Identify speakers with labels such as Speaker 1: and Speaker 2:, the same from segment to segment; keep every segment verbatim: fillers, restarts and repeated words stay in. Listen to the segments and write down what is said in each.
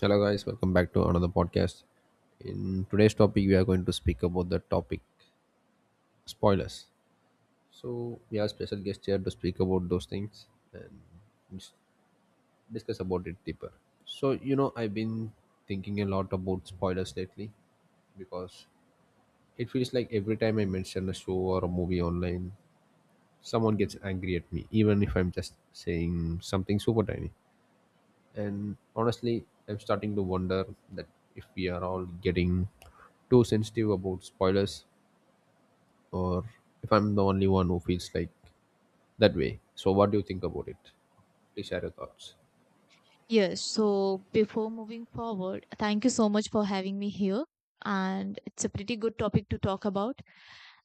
Speaker 1: Hello, guys. Welcome back to another podcast. In today's topic, we are going to speak about the topic spoilers. So we have special guest here to speak about those things and dis- discuss about it deeper. So you know, I've been thinking a lot about spoilers lately because it feels like every time I mention a show or a movie online, someone gets angry at me, even if I'm just saying something super tiny. And honestly, I'm starting to wonder that if we are all getting too sensitive about spoilers or if I'm the only one who feels like that way. So what do you think about it? Please share your thoughts.
Speaker 2: Yes, so before moving forward, thank you so much for having me here. And it's a pretty good topic to talk about.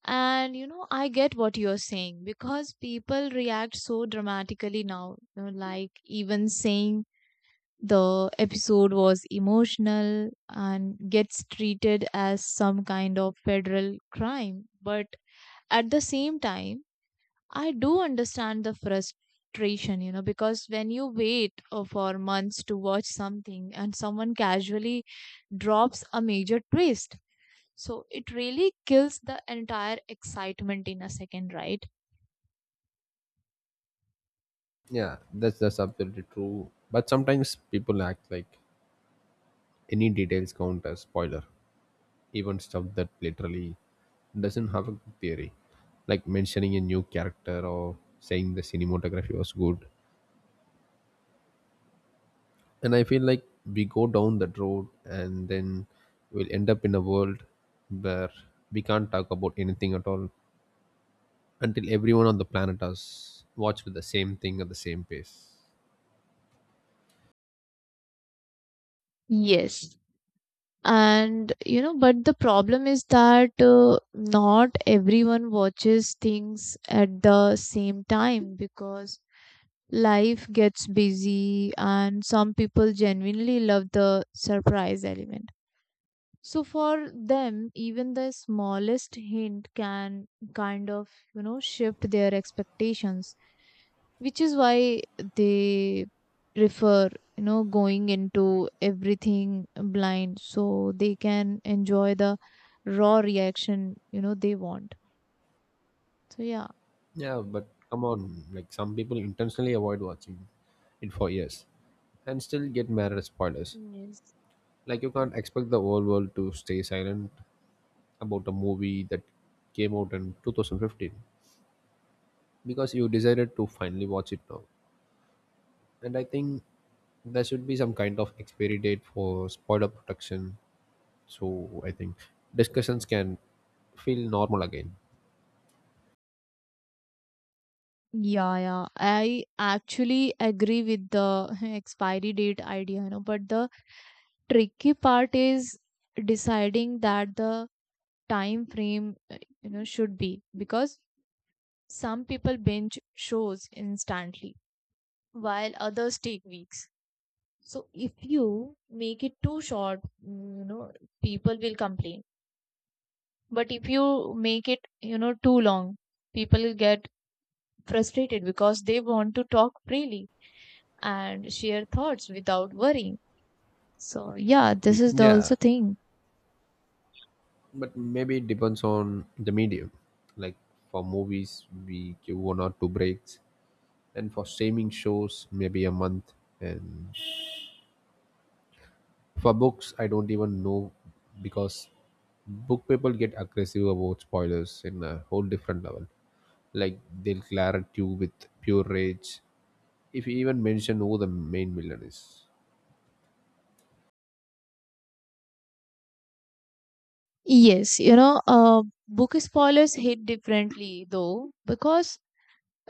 Speaker 2: And you know, I get what you're saying because people react so dramatically now. You know, like even saying the episode was emotional and gets treated as some kind of federal crime. But at the same time, I do understand the frustration, you know, because when you wait uh, for months to watch something and someone casually drops a major twist, so it really kills the entire excitement in a second, right?
Speaker 1: Yeah, that's that's absolutely true. But sometimes people act like any details count as spoiler, even stuff that literally doesn't have a theory, like mentioning a new character or saying the cinematography was good. And I feel like we go down that road and then we'll end up in a world where we can't talk about anything at all until everyone on the planet has watched the same thing at the same pace.
Speaker 2: Yes. And you know, but the problem is that uh, not everyone watches things at the same time because life gets busy, and some people genuinely love the surprise element, so for them even the smallest hint can kind of you know shift their expectations, which is why they prefer you know going into everything blind so they can enjoy the raw reaction you know they want. So yeah.
Speaker 1: Yeah, but come on, like some people intentionally avoid watching it for years and still get mad at spoilers.
Speaker 2: Yes.
Speaker 1: Like you can't expect the whole world to stay silent about a movie that came out in two thousand fifteen because you decided to finally watch it now. And I think there should be some kind of expiry date for spoiler protection. So I think discussions can feel normal again.
Speaker 2: Yeah, yeah. I actually agree with the expiry date idea, you know, but the tricky part is deciding that the time frame, uh, you know, should be, because some people binge shows instantly while others take weeks. So if you make it too short, mm, you know, people will complain. But if you make it, you know, too long, people will get frustrated because they want to talk freely and share thoughts without worrying. So yeah, this is the also
Speaker 1: Yeah,
Speaker 2: thing.
Speaker 1: but maybe it depends on the medium. Like for movies, we give one or two breaks, and for streaming shows, maybe a month. And for books, I don't even know because book people get aggressive about spoilers in a whole different level. Like they'll glare at you with pure rage if you even mention who the main villain is.
Speaker 2: Yes, you know, uh, book spoilers hit differently though because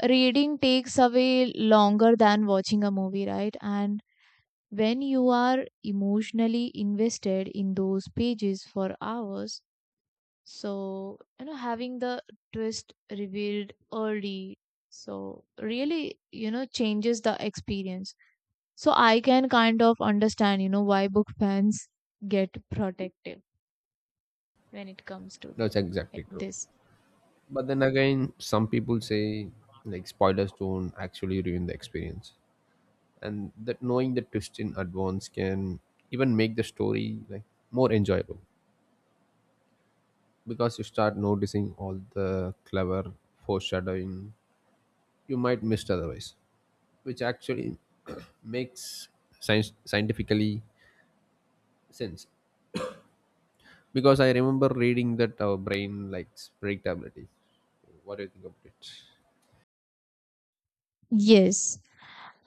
Speaker 2: reading takes away longer than watching a movie, right? And when you are emotionally invested in those pages for hours, so you know, having the twist revealed early, so really, you know, changes the experience. So I can kind of understand, you know, why book fans get protective when it comes to
Speaker 1: That's exactly true.
Speaker 2: this.
Speaker 1: But then again, some people say like spoilers don't actually ruin the experience, and that knowing the twist in advance can even make the story like more enjoyable because you start noticing all the clever foreshadowing you might miss otherwise, which actually makes science scientifically sense. Because I remember reading that our brain likes predictability. So what do you think about it?
Speaker 2: Yes.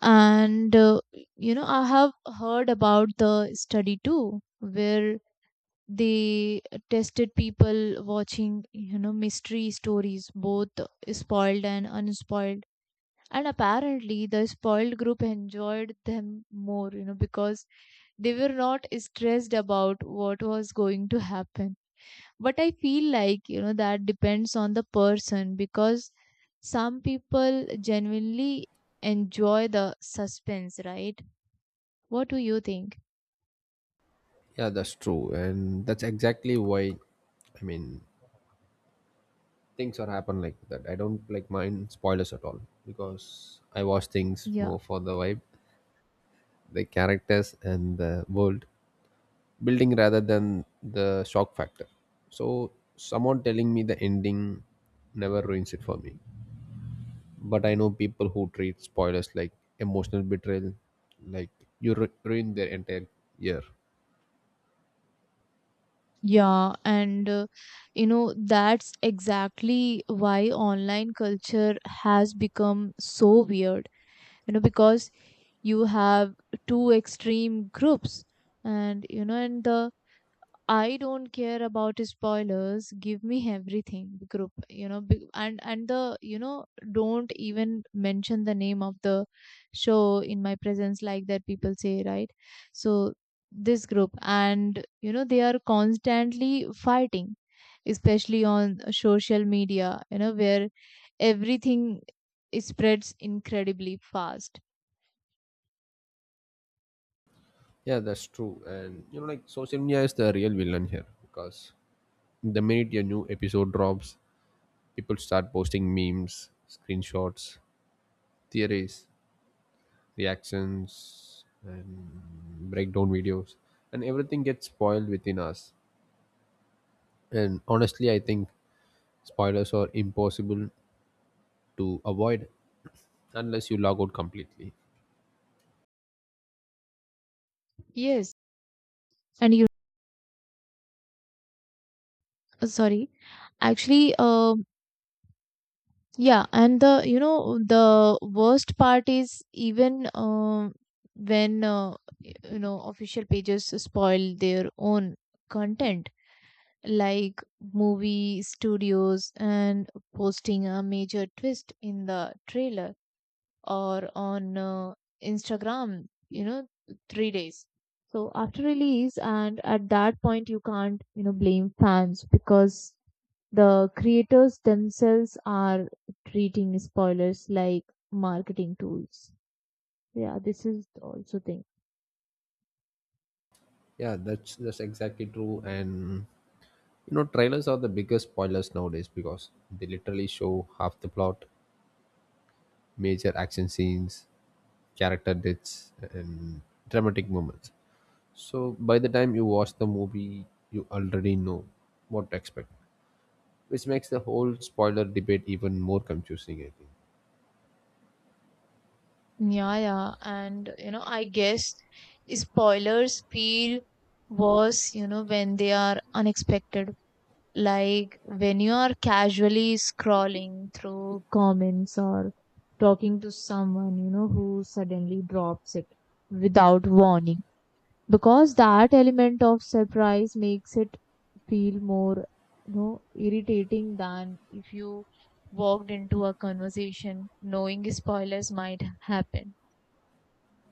Speaker 2: And, uh, you know, I have heard about the study too, where they tested people watching, you know, mystery stories, both spoiled and unspoiled. And apparently, the spoiled group enjoyed them more, you know, because they were not stressed about what was going to happen. But I feel like you know that depends on the person, because some people genuinely enjoy the suspense, right? What do you think?
Speaker 1: Yeah, that's true, and that's exactly why, I mean, things are happen like that. I don't like mind spoilers at all because I watch things
Speaker 2: Yeah,
Speaker 1: more for the vibe, the characters, and the world building rather than the shock factor. So someone telling me the ending never ruins it for me. But I know people who treat spoilers like emotional betrayal, like you ru- ruin their entire year.
Speaker 2: yeah. And uh, you know that's exactly why online culture has become so weird, you know because you have two extreme groups. And you know and the "I don't care about spoilers. Give me everything," group. You know, be- and and the you know "don't even mention the name of the show in my presence," like that. People say, right. So this group, and you know they are constantly fighting, especially on social media, You know where everything spreads incredibly fast.
Speaker 1: Yeah, that's true, and you know, like social media is the real villain here because the minute a new episode drops, people start posting memes, screenshots, theories, reactions, and breakdown videos, and everything gets spoiled within us. And honestly, I think spoilers are impossible to avoid unless you log out completely.
Speaker 2: Yes. And you Sorry, actually, um yeah, and the you know the worst part is even uh, when uh, you know official pages spoil their own content, like movie studios and posting a major twist in the trailer or on uh, Instagram, you know, three days. So after release, and at that point, you can't you know blame fans because the creators themselves are treating spoilers like marketing tools. Yeah, this is also thing.
Speaker 1: Yeah, that's that's exactly true. And you know, trailers are the biggest spoilers nowadays because they literally show half the plot, major action scenes, character deaths, and dramatic moments. So by the time you watch the movie, you already know what to expect, which makes the whole spoiler debate even more confusing, I think.
Speaker 2: Yeah, yeah. And, you know, I guess spoilers feel worse, you know, when they are unexpected. Like when you are casually scrolling through comments or talking to someone, you know, who suddenly drops it without warning. Because that element of surprise makes it feel more you know irritating than if you walked into a conversation knowing spoilers might happen.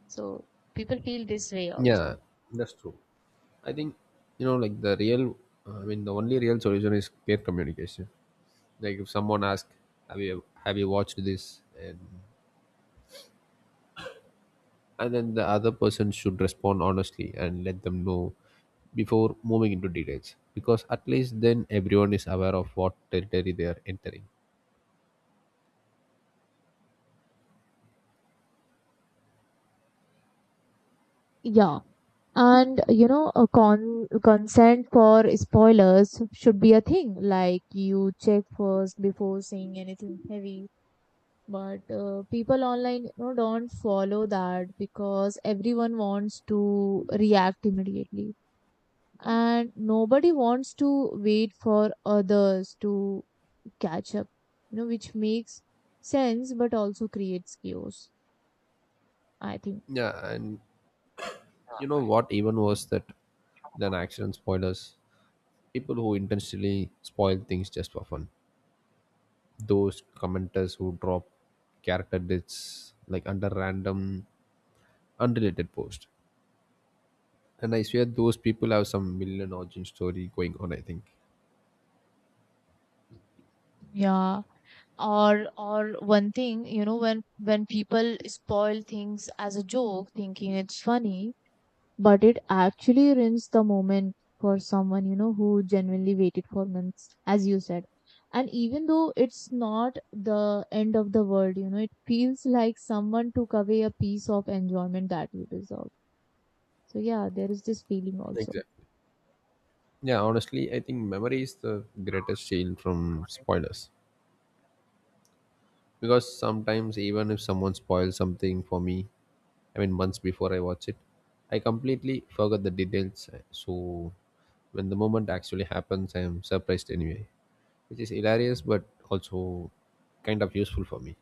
Speaker 2: So people feel this way
Speaker 1: Yeah,
Speaker 2: also.
Speaker 1: that's true. I think, you know, like the real, I mean, the only real solution is clear communication. Like if someone asks, "Have you have you watched this?" and and then the other person should respond honestly and let them know before moving into details, because at least then everyone is aware of what territory they are entering.
Speaker 2: Yeah. And you know, a con consent for spoilers should be a thing. Like you check first before saying anything heavy. But uh, people online, you know, don't follow that because everyone wants to react immediately. And nobody wants to wait for others to catch up, you know, which makes sense but also creates chaos, I think.
Speaker 1: Yeah, and you know what? Even worse that than accident spoilers, people who intentionally spoil things just for fun. Those commenters who drop character deaths like under random unrelated post. And I swear those people have some million origin story going on, I think.
Speaker 2: Yeah. Or or one thing, you know, when when people spoil things as a joke, thinking it's funny, but it actually ruins the moment for someone you know who genuinely waited for months, as you said. And even though it's not the end of the world, you know it feels like someone took away a piece of enjoyment that you deserve. So yeah, there is this feeling also.
Speaker 1: Exactly. Yeah, honestly, I think memory is the greatest shield from spoilers. Because sometimes even if someone spoils something for me, I mean months before I watch it, I completely forgot the details. So when the moment actually happens, I am surprised anyway, which is hilarious but also kind of useful for me.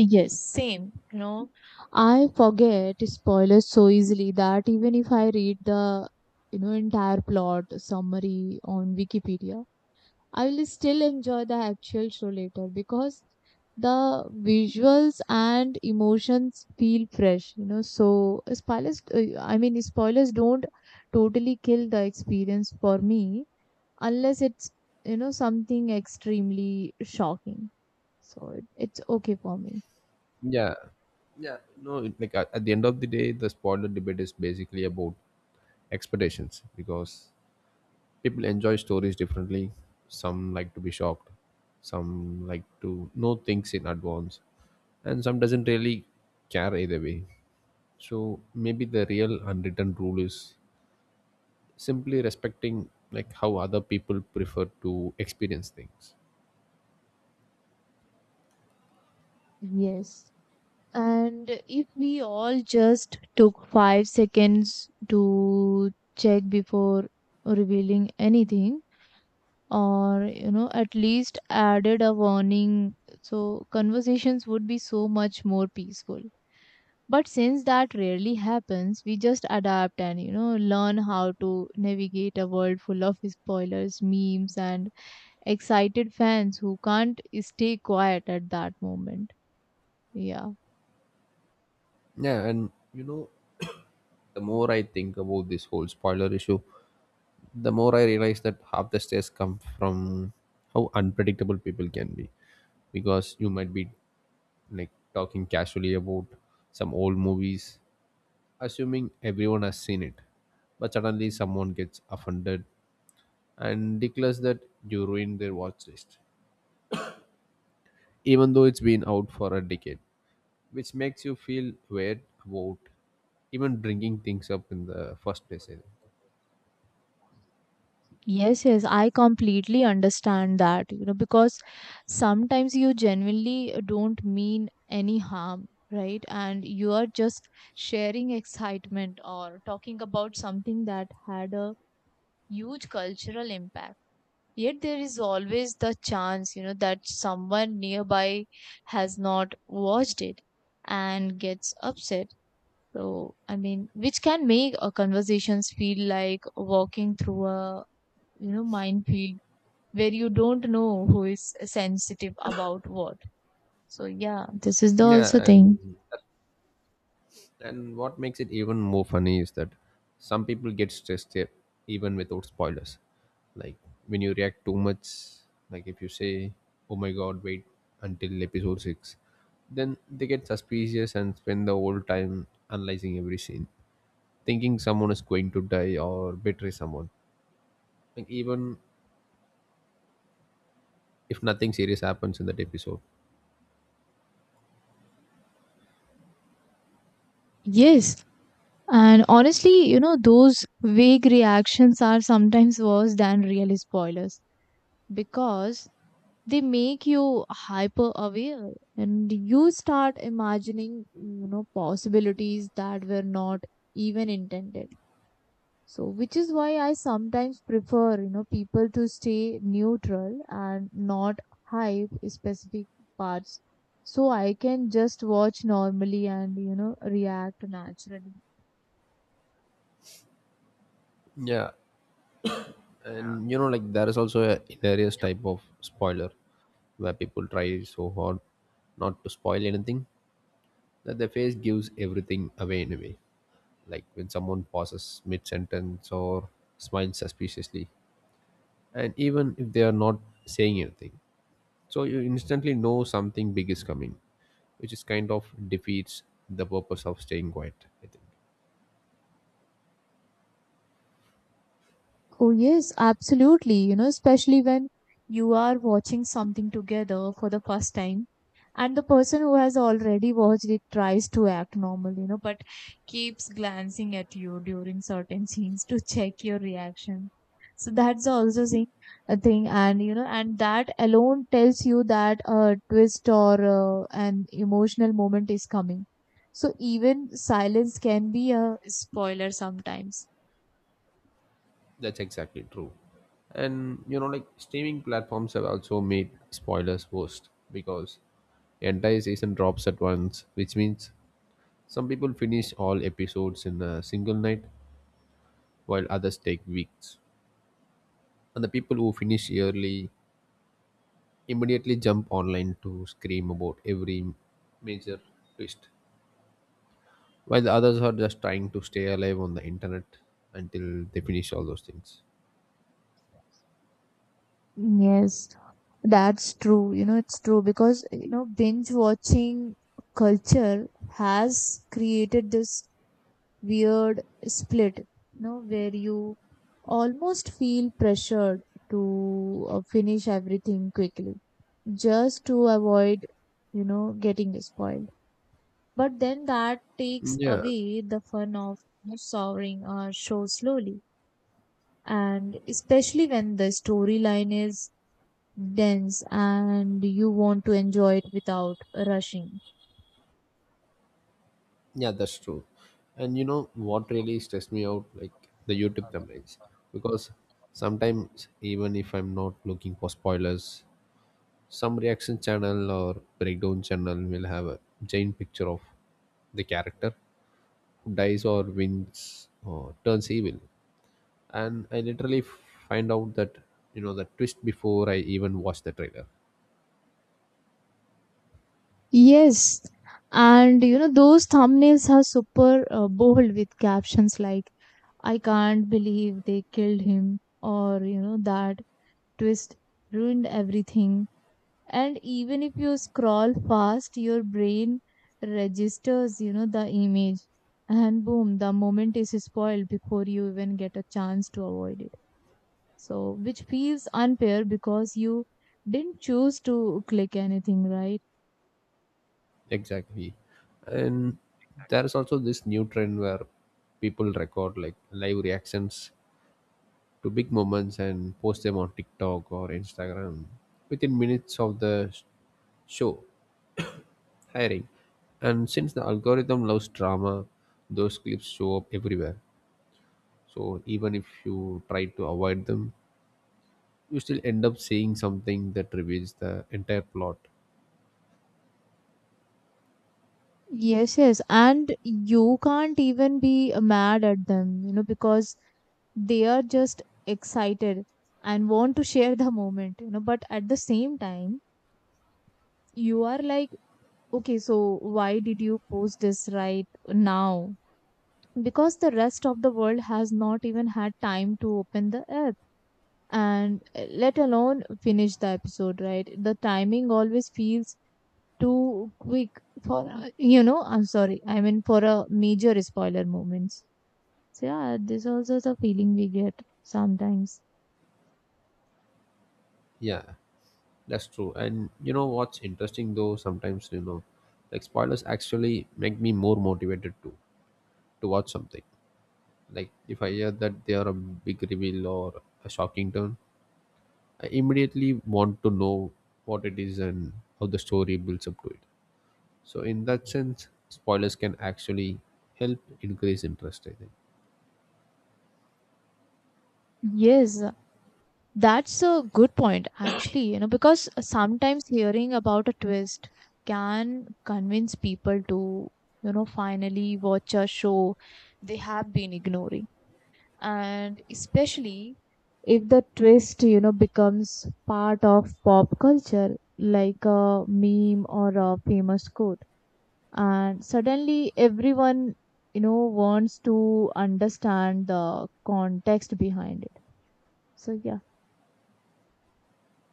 Speaker 2: Yes, same, you know I forget spoilers so easily that even if I read the you know entire plot summary on Wikipedia, I will still enjoy the actual show later because the visuals and emotions feel fresh, you know. So spoilers, uh, I mean, spoilers don't totally kill the experience for me unless it's you know something extremely shocking. So it, it's okay for me.
Speaker 1: Yeah yeah no it, like at, at the end of the day, the spoiler debate is basically about expectations because people enjoy stories differently. Some like to be shocked, some like to know things in advance, and some doesn't really care either way. So maybe the real unwritten rule is simply respecting like how other people prefer to experience things.
Speaker 2: Yes. And if we all just took five seconds to check before revealing anything, or you know at least added a warning, so conversations would be so much more peaceful. But since that rarely happens, we just adapt and you know learn how to navigate a world full of spoilers, memes, and excited fans who can't stay quiet at that moment. Yeah.
Speaker 1: Yeah, and you know, the more I think about this whole spoiler issue, the more I realize that half the stress comes from how unpredictable people can be, because you might be like talking casually about some old movies, assuming everyone has seen it, but suddenly someone gets offended and declares that you ruined their watch list, even though it's been out for a decade, which makes you feel weird about even bringing things up in the first place, I think.
Speaker 2: Yes, yes, I completely understand that, you know, because sometimes you genuinely don't mean any harm, right? And you are just sharing excitement or talking about something that had a huge cultural impact. Yet there is always the chance, you know, that someone nearby has not watched it and gets upset. So, I mean, which can make a conversations feel like walking through a, you know, minefield where you don't know who is sensitive about what. So yeah, this is the
Speaker 1: Yeah,
Speaker 2: also thing.
Speaker 1: and And what makes it even more funny is that some people get stressed here even without spoilers. Like when you react too much, like if you say, "Oh my god, wait until episode six," then they get suspicious and spend the whole time analyzing every scene, thinking someone is going to die or betray someone. Like even if nothing serious happens in that episode.
Speaker 2: Yes. And honestly, you know, those vague reactions are sometimes worse than real spoilers because they make you hyper aware and you start imagining, you know, possibilities that were not even intended. So, which is why I sometimes prefer, you know, people to stay neutral and not hype specific parts so I can just watch normally and, you know, react naturally.
Speaker 1: Yeah, and you know, like there is also a hilarious type of spoiler where people try so hard not to spoil anything that their face gives everything away anyway. Like when someone pauses mid-sentence or smiles suspiciously, and even if they are not saying anything, so you instantly know something big is coming, which is kind of defeats the purpose of staying quiet, I think.
Speaker 2: Oh, yes, absolutely. You know, especially when you are watching something together for the first time, and the person who has already watched it tries to act normal, you know, but keeps glancing at you during certain scenes to check your reaction. So that's also thing, a thing, and you know, and that alone tells you that a twist or uh, an emotional moment is coming. So even silence can be a spoiler sometimes.
Speaker 1: That's exactly true. And you know, like streaming platforms have also made spoilers worst because the entire season drops at once, which means some people finish all episodes in a single night while others take weeks. And the people who finish early immediately jump online to scream about every major twist, while the others are just trying to stay alive on the internet until they finish all those things.
Speaker 2: Yes, that's true. You know, it's true because, you know, binge watching culture has created this weird split, you know, where you almost feel pressured to uh, finish everything quickly just to avoid, you know, getting spoiled. But then that takes
Speaker 1: Yeah,
Speaker 2: away the fun of you know, soaring a show slowly. And especially when the storyline is dense and you want to enjoy it without rushing.
Speaker 1: yeah, that's true. And you know what really stressed me out, like the YouTube thumbnails, because sometimes even if I'm not looking for spoilers, some reaction channel or breakdown channel will have a giant picture of the character who dies or wins or turns evil, and I literally find out that you know the twist before I even watch the trailer.
Speaker 2: Yes, and you know, those thumbnails are super uh, bold with captions like, "I can't believe they killed him," or you know, "that twist ruined everything." And even if you scroll fast, your brain registers, you know, the image, and boom, the moment is spoiled before you even get a chance to avoid it. So, which feels unfair because you didn't choose to click anything, right?
Speaker 1: Exactly, and there is also this new trend where people record like live reactions to big moments and post them on TikTok or Instagram within minutes of the sh- show hiring. And since the algorithm loves drama, those clips show up everywhere. So even if you try to avoid them, you still end up seeing something that reveals the entire plot.
Speaker 2: Yes, yes. And you can't even be uh, mad at them, you know, because they are just excited and want to share the moment, you know. But at the same time, you are like, okay, so why did you post this right now? Because the rest of the world has not even had time to open the app, and uh, let alone finish the episode, right? The timing always feels too quick for uh, you know I'm sorry I mean for a major spoiler moments. So yeah, this also is a feeling we get sometimes.
Speaker 1: Yeah, that's true. And you know what's interesting though? Sometimes you know, like spoilers actually make me more motivated to to watch something. Like if I hear that they are a big reveal or a shocking turn, I immediately want to know what it is and how the story builds up to it. So in that sense, spoilers can actually help increase interest, I think.
Speaker 2: Yes, that's a good point actually, you know because sometimes hearing about a twist can convince people to you know finally watch a show they have been ignoring. And especially if the twist you know becomes part of pop culture, like a meme or a famous quote, and suddenly everyone you know wants to understand the context behind it. So yeah,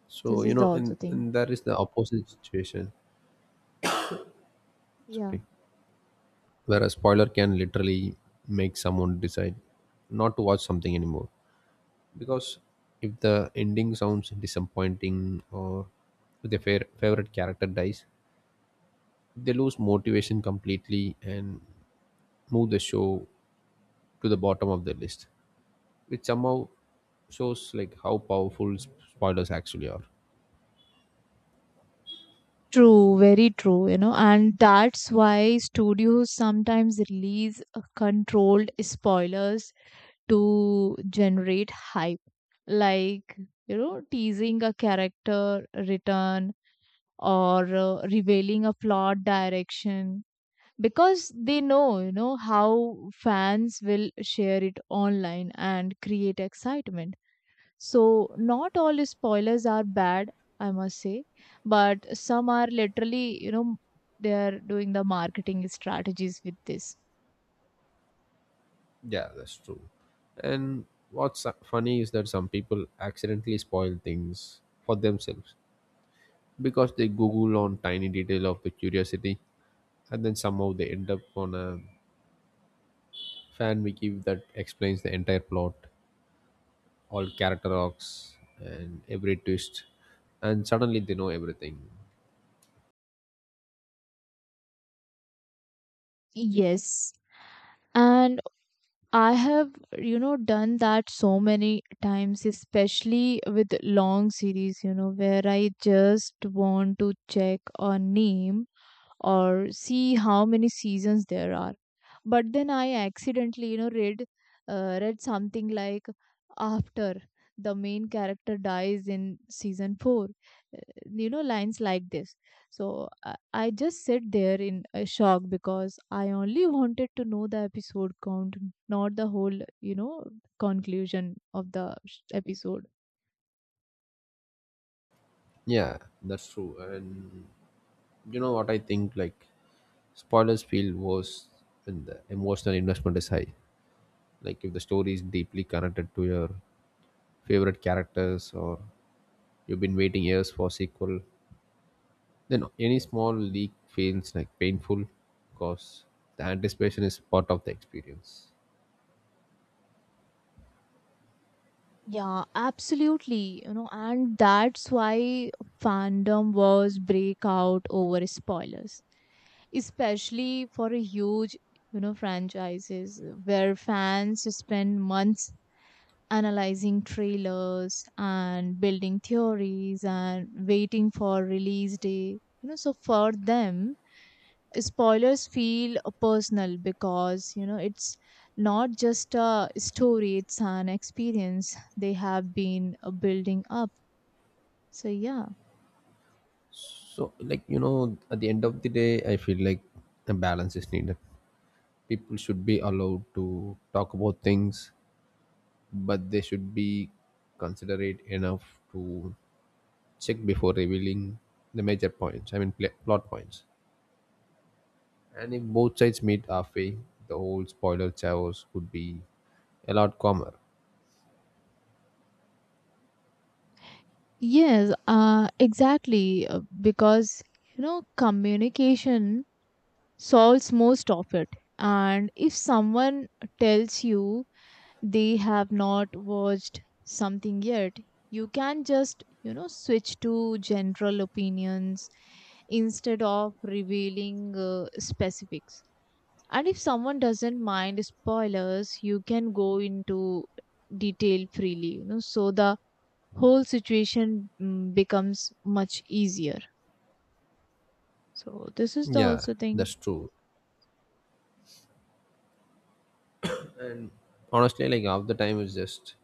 Speaker 1: So
Speaker 2: this
Speaker 1: you
Speaker 2: is the
Speaker 1: know,
Speaker 2: also
Speaker 1: and,
Speaker 2: thing.
Speaker 1: and that is the opposite situation.
Speaker 2: Yeah,
Speaker 1: Sorry. Where a spoiler can literally make someone decide not to watch something anymore. Because if the ending sounds disappointing or if their fa- favorite character dies, they lose motivation completely and move the show to the bottom of the list, which somehow shows like how powerful sp- spoilers actually are.
Speaker 2: true, very true, you know and that's why studios sometimes release uh, controlled spoilers to generate hype, like you know teasing a character return, or uh, revealing a plot direction, because they know you know how fans will share it online and create excitement. So not all spoilers are bad, I must say. But some are literally you know they are doing the marketing strategies with this.
Speaker 1: Yeah, that's true. And what's su- funny is that some people accidentally spoil things for themselves because they google on tiny detail of the curiosity, and then somehow they end up on a fan wiki that explains the entire plot, all character arcs, and every twist, and suddenly they know everything.
Speaker 2: Yes, and I have, you know, done that so many times, especially with long series, you know, where I just want to check a name or see how many seasons there are, but then I accidentally you know read uh, read something like, after the main character dies in season four, uh, you know lines like this. So i, I just sit there in a shock because I only wanted to know the episode count, not the whole you know conclusion of the sh- episode.
Speaker 1: Yeah, that's true. And you know what I think? Like, spoilers feel worse when the emotional investment is high. Like, if the story is deeply connected to your favorite characters or you've been waiting years for sequel, then any small leak feels like painful because the anticipation is part of the experience.
Speaker 2: Yeah, absolutely, you know and that's why fandom was break out over spoilers, especially for a huge you know franchises, uh, where fans spend months analyzing trailers and building theories and waiting for release day, you know so for them spoilers feel personal because you know it's not just a story, it's an experience they have been uh, building up. So yeah.
Speaker 1: So, like, you know, at the end of the day, I feel like a balance is needed. People should be allowed to talk about things, but they should be considerate enough to check before revealing the major points. I mean, pl- plot points. And if both sides meet halfway, the whole spoiler chaos could be a lot calmer.
Speaker 2: Yes, uh exactly, uh, because you know communication solves most of it. And if someone tells you they have not watched something yet, you can just, you know, switch to general opinions instead of revealing uh, specifics. And if someone doesn't mind spoilers, you can go into detail freely, you know, so the whole situation mm, becomes much easier. So, this is the
Speaker 1: Yeah,
Speaker 2: also thing.
Speaker 1: that's true. And honestly, like half the time is just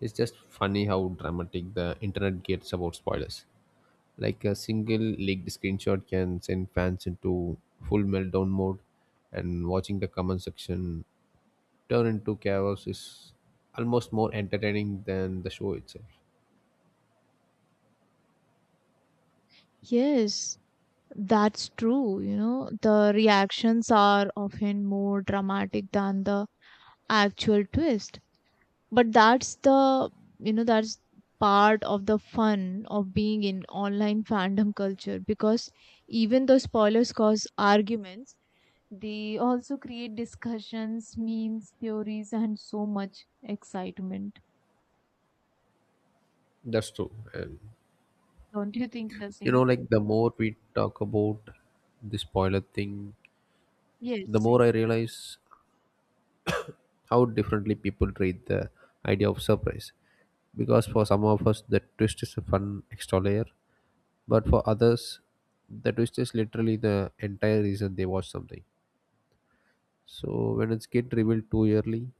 Speaker 1: it's just funny how dramatic the internet gets about spoilers. Like a single leaked screenshot can send fans into full meltdown mode, and watching the comment section turn into chaos is almost more entertaining than the show itself.
Speaker 2: Yes, that's true, you know, the reactions are often more dramatic than the actual twist. But that's the, you know, that's part of the fun of being in online fandom culture because even though spoilers cause arguments, they also create discussions, memes, theories, and so much excitement.
Speaker 1: That's true. And
Speaker 2: Don't you think the
Speaker 1: you know,
Speaker 2: same?
Speaker 1: like the more we talk about the spoiler thing, the
Speaker 2: Yes.
Speaker 1: more I realize how differently people treat the idea of surprise. Because for some of us, the twist is a fun extra layer, but for others, the twist is literally the entire reason they watch something. So when it's get revealed too early,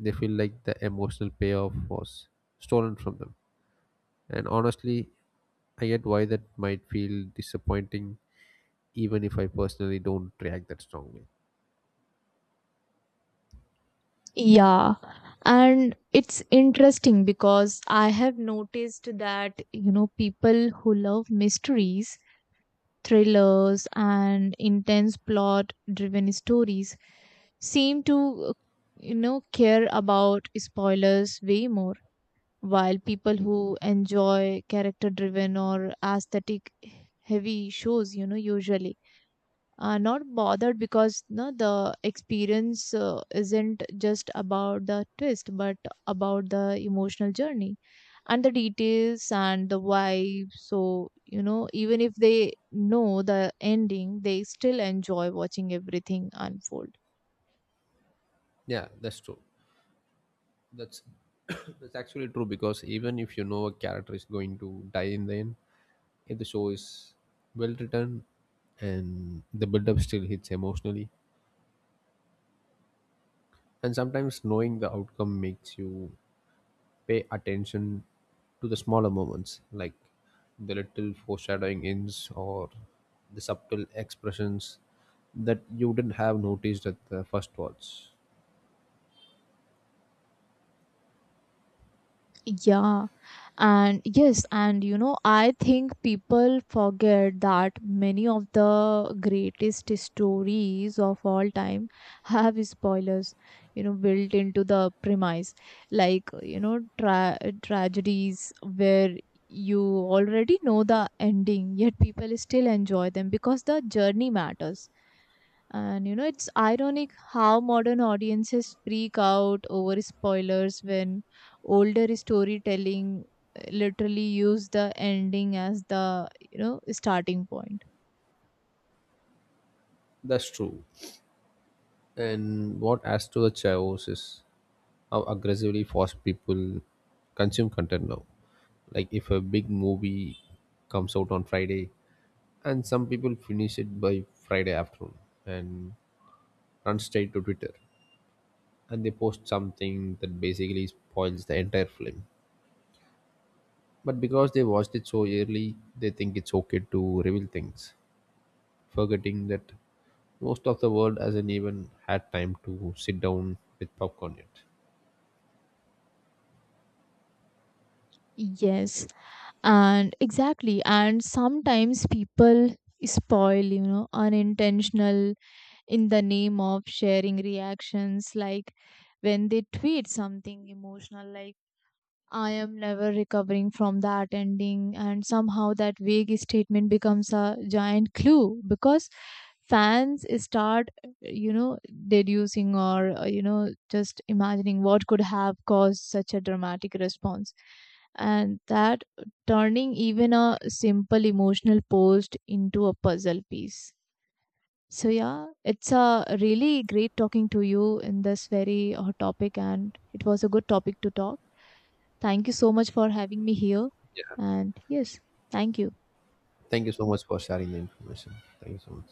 Speaker 1: they feel like the emotional payoff was stolen from them. And honestly, I get why that might feel disappointing, even if I personally don't react that strongly.
Speaker 2: Yeah, and it's interesting because I have noticed that, you know, people who love mysteries, thrillers, and intense plot driven stories seem to, you know, care about spoilers way more, while people who enjoy character driven or aesthetic heavy shows, you know, usually are not bothered because no, the experience uh, isn't just about the twist but about the emotional journey and the details and the vibe. So you know even if they know the ending, they still enjoy watching everything unfold.
Speaker 1: Yeah, that's true. That's that's actually true because even if you know a character is going to die in the end, if the show is well written and the build up still hits emotionally, and sometimes knowing the outcome makes you pay attention to the smaller moments like the little foreshadowing hints or the subtle expressions that you did not have noticed at the first watch.
Speaker 2: Yeah, and yes, and you know, I think people forget that many of the greatest stories of all time have spoilers, you know, built into the premise, like you know, tra- tragedies where you already know the ending, yet people still enjoy them because the journey matters, and you know, it's ironic how modern audiences freak out over spoilers when older storytelling uh, literally use the ending as the, you know, starting point.
Speaker 1: That's true. And what adds to the chaos is how aggressively fast people consume content now. Like if a big movie comes out on Friday, and some people finish it by Friday afternoon and run straight to Twitter, and they post something that basically spoils the entire film. But because they watched it so early, they think it's okay to reveal things, forgetting that most of the world hasn't even had time to sit down with popcorn yet.
Speaker 2: Yes, and exactly. And sometimes people spoil, you know, unintentional in the name of sharing reactions, like when they tweet something emotional, like, "I am never recovering from that ending," and somehow that vague statement becomes a giant clue because fans start, you know, deducing or, uh, you know, just imagining what could have caused such a dramatic response. And that turning even a simple emotional post into a puzzle piece. So, yeah, it's a really great talking to you in this very hot topic, and it was a good topic to talk. Thank you so much for having me here.
Speaker 1: Yeah.
Speaker 2: And yes, thank you.
Speaker 1: Thank you so much for sharing the information. Thank you so much.